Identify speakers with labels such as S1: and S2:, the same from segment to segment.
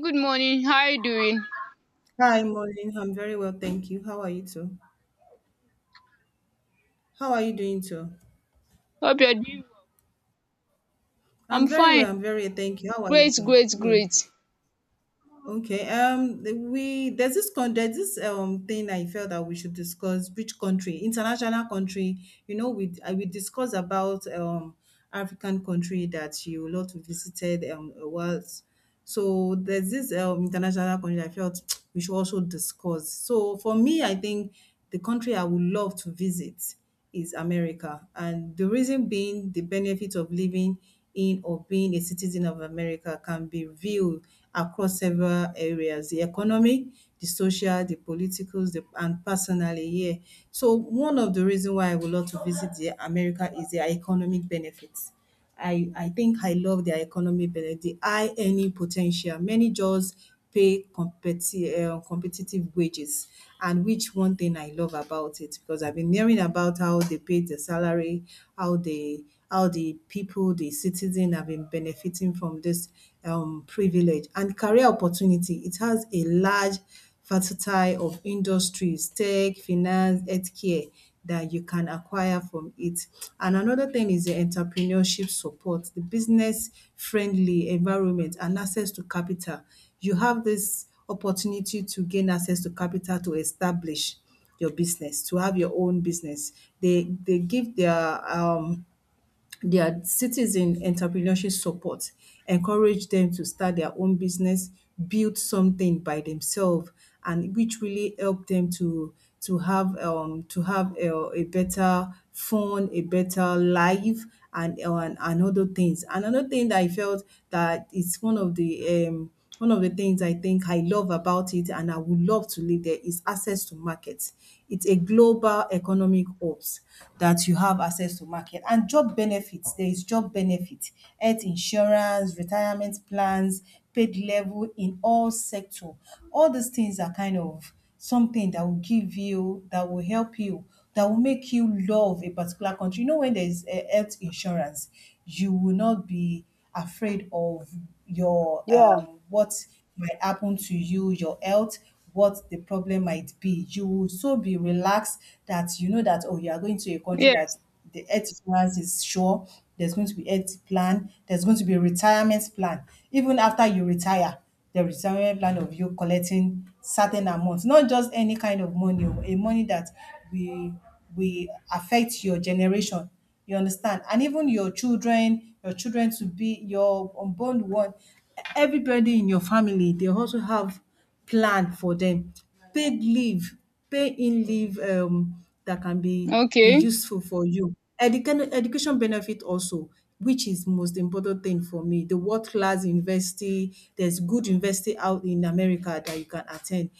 S1: Good morning. How are you doing?
S2: Hi, morning. I'm very well, thank you. How are you too? How are you doing too?
S1: Hope you're doing. Well. I'm
S2: I'm very well.
S1: fine.
S2: I'm very well, thank you. How are you
S1: Great,
S2: too?
S1: great,
S2: Good.
S1: great.
S2: Okay. We there's this con there's this thing I felt that we should discuss. Which country? International country. We discuss about African country that you lot visited a while. So there's this international country I felt we should also discuss. So for me, I think the country I would love to visit. Is America. And the reason being the benefit of living in or being a citizen of America can be viewed across several areas, the economic, the social, the politicals, the, and personally, yeah. So one of the reason why I would love to visit the America is their economic benefits. I think I love their economy better. The high earning potential. Many jobs pay competitive wages, and which one thing I love about it because I've been hearing about how they pay the salary, how they how the people, the citizen have been benefiting from this privilege and career opportunity. It has a large versatile of industries, tech, finance, healthcare that you can acquire from it. And another thing is the entrepreneurship support, the business friendly environment and access to capital. You have this opportunity to gain access to capital to establish your business, to have your own business. They give their citizen entrepreneurship support, encourage them to start their own business, build something by themselves, and which really help them to have to have a better fun, a better life, and other things. And another thing that I felt that is one of the things I think I love about it and I would love to live there is access to markets. It's a global economic hubs that you have access to market and job benefits. There is job benefit, health insurance, retirement plans, paid level in all sector. All these things are kind of something that will give you, that will help you, that will make you love a particular country. You know, when there is health insurance, you will not be afraid of your
S1: Yeah.
S2: what might happen to you, your health, what the problem might be. You will so be relaxed that you know that oh, you are going to a country that
S1: Yes.
S2: the health insurance is sure. There's going to be health plan. There's going to be retirement plan. Even after you retire, the retirement plan of you collecting certain amounts, not just any kind of money, oh, a money that will will affect your generation you understand? And even your children to be your unborn one, everybody in your family, they also have plan for them. Paid leave, pay in leave that can be
S1: Okay.
S2: useful for you. Education benefit also, which is most important thing for me. The world class university, there's good university out in America that you can attend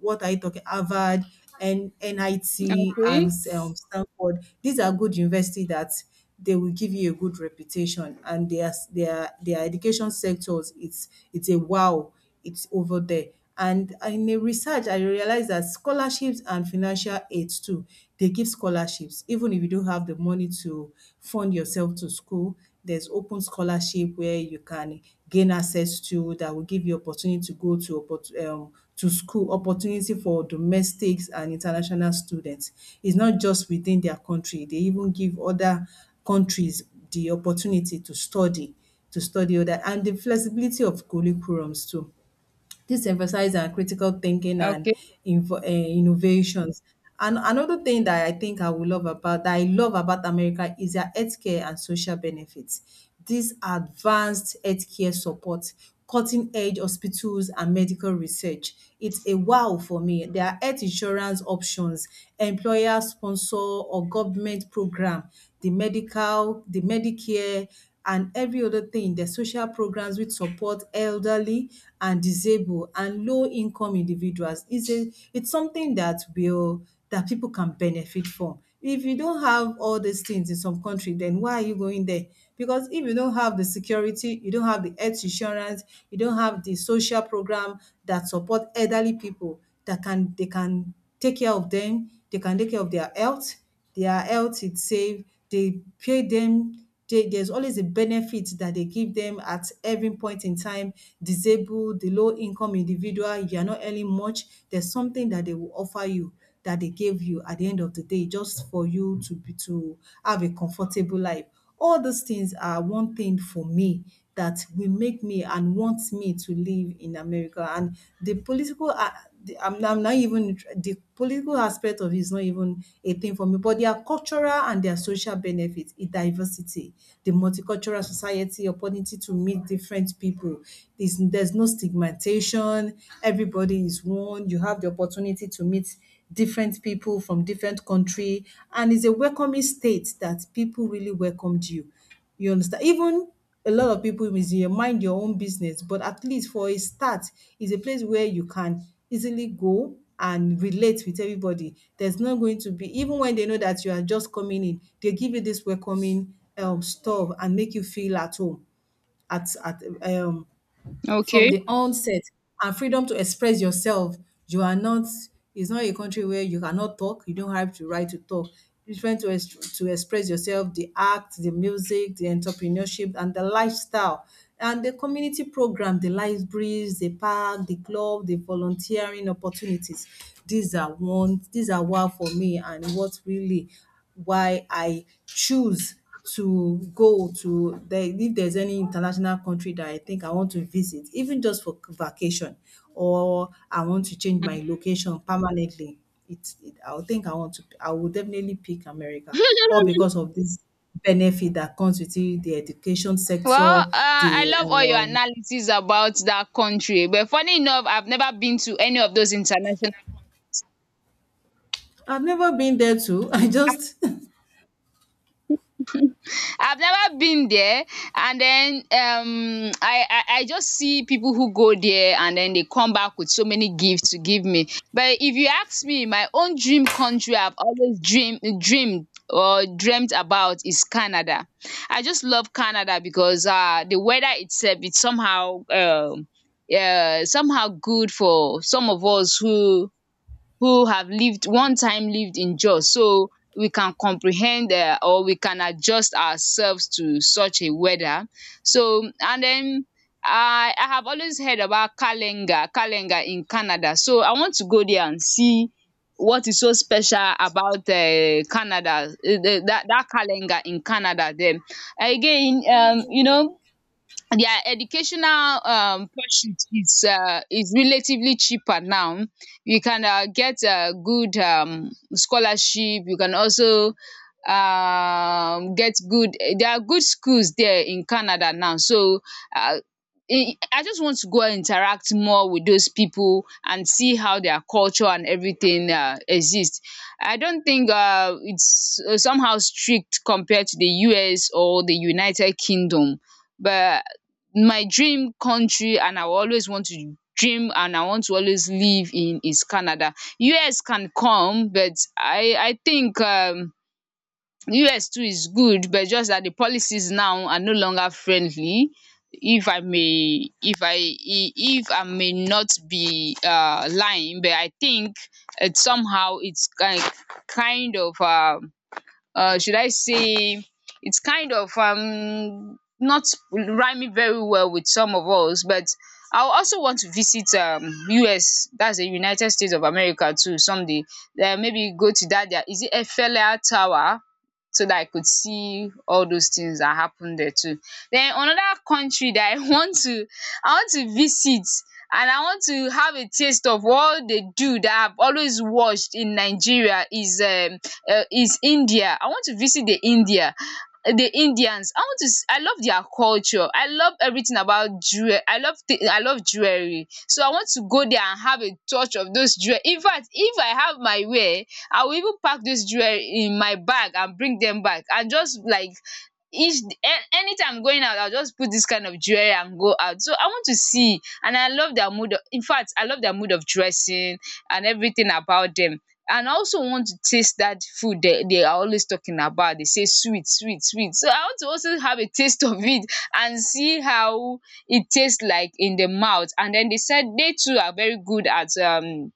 S2: what are you talking? Harvard and NIT and
S1: Okay.
S2: Stanford. These are good university that they will give you a good reputation, and their education sectors it's a wow, it's over there. And in a research, I realized that scholarships and financial aids too, they give scholarships, even if you don't have the money to fund yourself to school there's open scholarship where you can gain access to that will give you opportunity to go to to school, opportunity for domestics and international students. It's not just within their country. They even give other countries the opportunity to study other and the flexibility of curriculums too. This emphasizes on critical thinking and
S1: Okay.
S2: innovations. And another thing that I think I will love about that I love about America is their healthcare and social benefits. These advanced healthcare support, cutting edge hospitals and medical research. It's a wow for me. Their health insurance options, employer sponsor or government program, the medical, the Medicare and every other thing, the social programs which support elderly and disabled and low income individuals. It's a it's something that will that people can benefit from. If you don't have all these things in some country, then why are you going there? Because if you don't have the security, you don't have the health insurance, you don't have the social program that support elderly people that can they can take care of them, they can take care of their health is safe. They pay them. Dey there's always a benefit that they give them at every point in time. Disabled, the low income individual, you are not earning much, there's something that they will offer you that they gave you at the end of the day just for you to be to have a comfortable life all those things are one thing for me that will make me and want me to live in America and the political a the I'm not even the political aspect of it is not even a thing for me but their cultural and their social benefits, the diversity, the multicultural society, opportunity to meet different people. There's no stigmatization, everybody is one, you have the opportunity to meet different people from different country and it's a welcoming state that people really welcomed you. You understand? Even a lot of people is your mind your own business, but at least for a start, it's a place where you can easily go and relate with everybody. There's not going to be even when they know that you are just coming in, they give you this welcoming stuff and make you feel at home at from
S1: Okay.
S2: the onset and freedom to express yourself. You are not, it's not a country where you cannot talk, you don't have the right to talk. It's freedom to, to express yourself, the art, the music, the entrepreneurship, and the lifestyle. And the community program, the libraries, the park, the club, the volunteering opportunities. These are one, these are what for me and what really why I choose to go to the if there's any international country that I think I want to visit, even just for vacation or I want to change
S1: Mhm.
S2: my location permanently, it I would think I want to I would definitely pick America, all because of this benefit that comes with it, the education
S1: Well,
S2: sector,
S1: I
S2: the,
S1: love all your
S2: um
S1: analysis about that country, but funny enough, I've never been to any of those international.
S2: I've never been there too. I just
S1: I've never been there, and then I just see people who go there and then they come back with so many gifts to give me. But if you ask me, my own dream country I've always dreamed or dreamt about is Canada. I just love Canada because the weather itself, it's somehow yeah, somehow good for some of us who have lived one time, lived in Jos, so we can comprehend or we can adjust ourselves to such a weather. So and then I have always heard about Kalenga in Canada, so I want to go there and see what is so special about Canada, that dat Kalenga in Canada. Then again, you know, their educational pursuit is relatively cheaper now. You can get a good scholarship, you can also get good, there are good schools there in Canada now. So uh I just want to go and interact more with those people and see how their culture and everything exist. I don't think it's somehow strict compared to the US or the United Kingdom, but my dream country, and I will always want to dream and I want to always live in, is Canada. US can come, but I think, US too is good, but just that the policies now are no longer friendly. If I may, if I may not be lying, but I think it somehow, it's kind of, should I say, it's kind of, not rhyming very well with some of us. But I also want to visit, US, that's the United States of America, too, someday. Then maybe go to that, there, is it Eiffel Tower? So that I could see all those things that happen there too. Then another country that I I want to visit and I want to have a taste of all they do that I've always watched in Nigeria, is India. I want to visit the India, the Indians. I want to I love their culture, I love everything about jewel, I love jewelry, so I want to go there and have a touch of those jewel. In fact, if I have my way, I will even pack this jewel in my bag and bring them back, and just like each anytime I'm going out, I'll just put this kind of jewelry and go out. So I want to see, and I love their mood of, in fact, I love their mood of dressing and everything about them. And I also want to taste that food they are always talking about. They say sweet, sweet, sweet. So I want to also have a taste of it and see how it tastes like in the mouth. And then they said they too are very good at,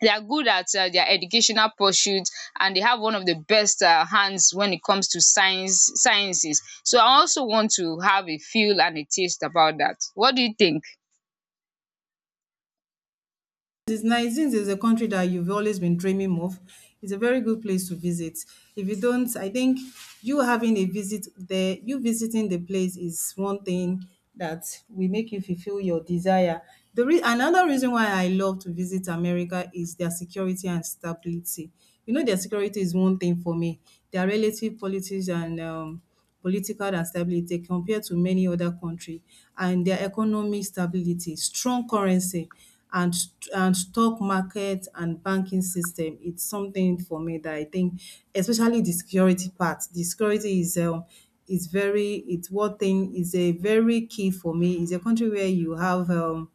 S1: they are good at, their educational pursuits, and they have one of the best, hands when it comes to sciences. So I also want to have a feel and a taste about that. What do you think?
S2: this Nigeria is a country that you've always been dreaming of, it's a very good place to visit. If you don't, I think you having a visit there, you visiting the place is one thing that will make you fulfill your desire. The another reason why I love to visit America is their security and stability. You know, their security is one thing for me. Their relative politics and political and stability compared to many other country and their economy stability, strong currency and stock market and banking system. It's something for me that I think especially the security part. The security is very it's one thing is a very key for me. It's a country where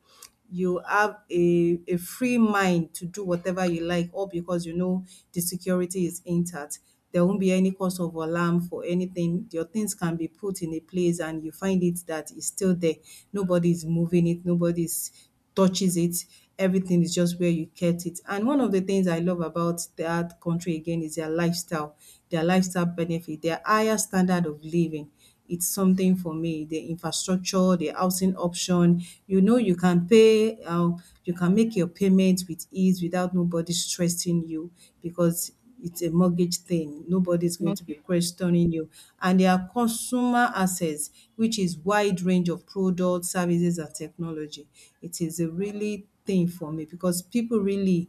S2: you have a free mind to do whatever you like, all because you know the security is intact. There won't be any cause of alarm for anything. Your things can be put in a place and you find it that it's still there. Nobody's moving it, nobody's touches it. Everything is just where you kept it. And one of the things I love about that country again is their lifestyle benefit, their higher standard of living it's something for me. The infrastructure, the housing option, you know, you can pay, you can make your payment with ease without nobody stressing you because it's a mortgage thing. Nobody's going to be questioning you. And there are consumer assets, which is wide range of products, services, and technology. It is a really thing for me because people really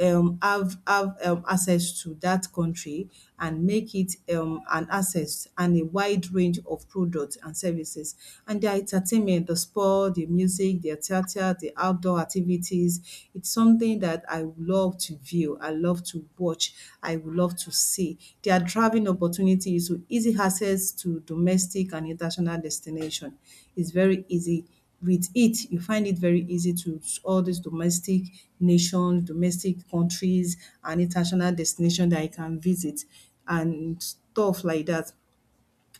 S2: have access to that country and make it an access and a wide range of products and services. And their entertainment, the sport, the music, their theater, the outdoor activities, it's something that I would love to view, I love to watch, I would love to see. Their traveling opportunities with easy access to domestic and international destination is very easy with it, you find it very easy to all these domestic nations, domestic countries, and international destinations that you can visit and stuff like that.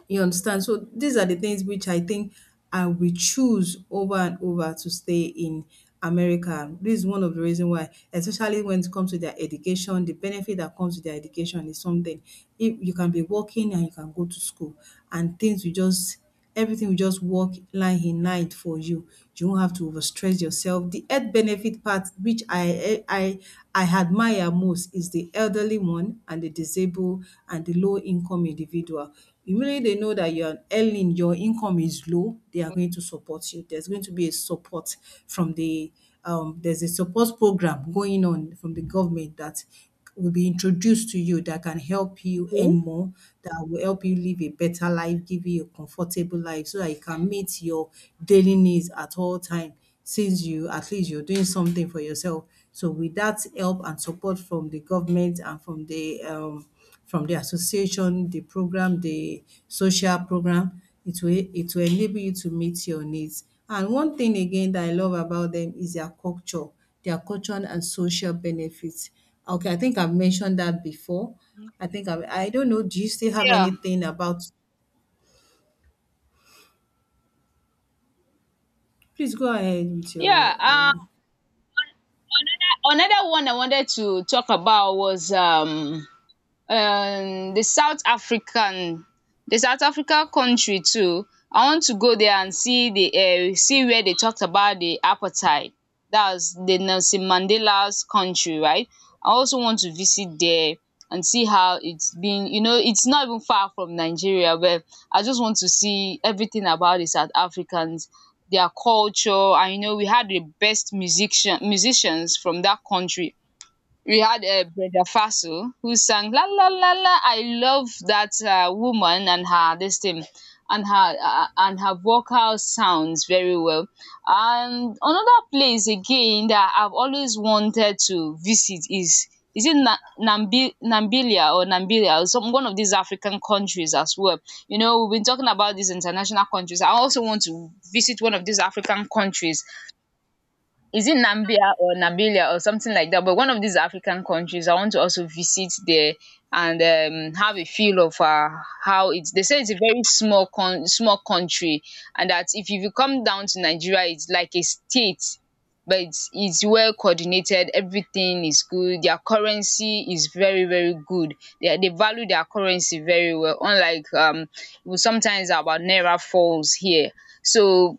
S2: You understand? So these are the things which I think I will choose over and over to stay in America. This is one of the reason why, especially when it comes to their education, the benefit that comes with their education is something. If you can be working and you can go to school and things will just everything will just work line in night for you. You won't have to overstress yourself. The health benefit part which I I admire most is the elderly one and the disabled and the low income individual. Immediately they know that you are earning, your income is low, they are going to support you. There's going to be a support from the there's a support program going on from the government that will be introduced to you that can help you earn
S1: Okay.
S2: more, that will help you live a better life, give you a comfortable life so that you can meet your daily needs at all time since you at least you're doing something for yourself. So with that help and support from the government and from the association, the program, the social program, it will enable you to meet your needs. And one thing again that I love about them is their culture and social benefits. Okay, I think I've mentioned that before. I think I don't know. Do you still have
S1: Yeah,
S2: anything about? Please go ahead with your.
S1: yeah, another one I wanted to talk about was, the South African, the South African country too. I want to go there and see the see where they talked about the apartheid. That's the Nelson Mandela's country, right? I also want to visit there and see how it's been. You know, it's not even far from Nigeria, but I just want to see everything about the South Africans, their culture. And you know, we had the best musicians from that country. We had Brenda Faso, who sang la la la la. I love that woman, and her this thing, and her vocal sounds very well. And another place again that I've always wanted to visit is, Namibia or Namibia, or some one of these African countries as well. You know, we've been talking about these international countries. I also want to visit one of these African countries. Is it Nambia or Namibia or something like that? But one of these African countries, I want to also visit there, and have a feel of how it's. They say it's a very small small country, and that if you come down to Nigeria, it's like a state. But it's well coordinated. Everything is good. Their currency is very very good. They value their currency very well. Unlike, sometimes our naira falls here. So,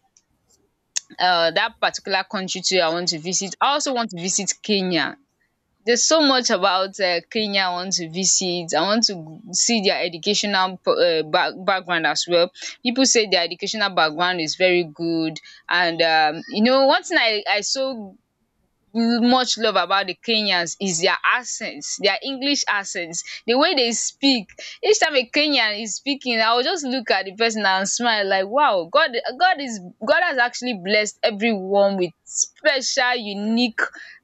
S1: that particular country too I want to visit. I also want to visit Kenya. There's so much about Kenya I want to visit. I want to see their background as well. People say their educational background is very good. And you know, one thing I saw much love about the Kenyans is their accents, their English accents, the way they speak. Each time a Kenyan is speaking, I will just look at the person and smile like, wow, God, God is God has actually blessed everyone with special, unique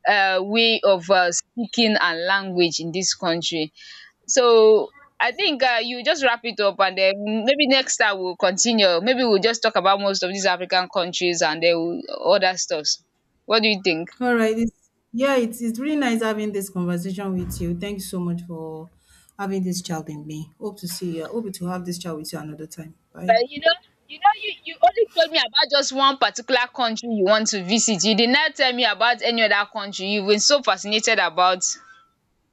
S1: way of speaking and language in this country. So. I think you just wrap it up, and then maybe next time we'll continue. Maybe we'll just talk about most of these African countries, and then we'll, other stuffs. What do you think?
S2: All right. It's, yeah, it's really nice having this conversation with you. Thank you so much for having this child in me. Hope to see you. Hope to have this child with you another time. Bye.
S1: But you know, you you only told me about just one particular country you want to visit. You did not tell me about any other country. You've been so fascinated about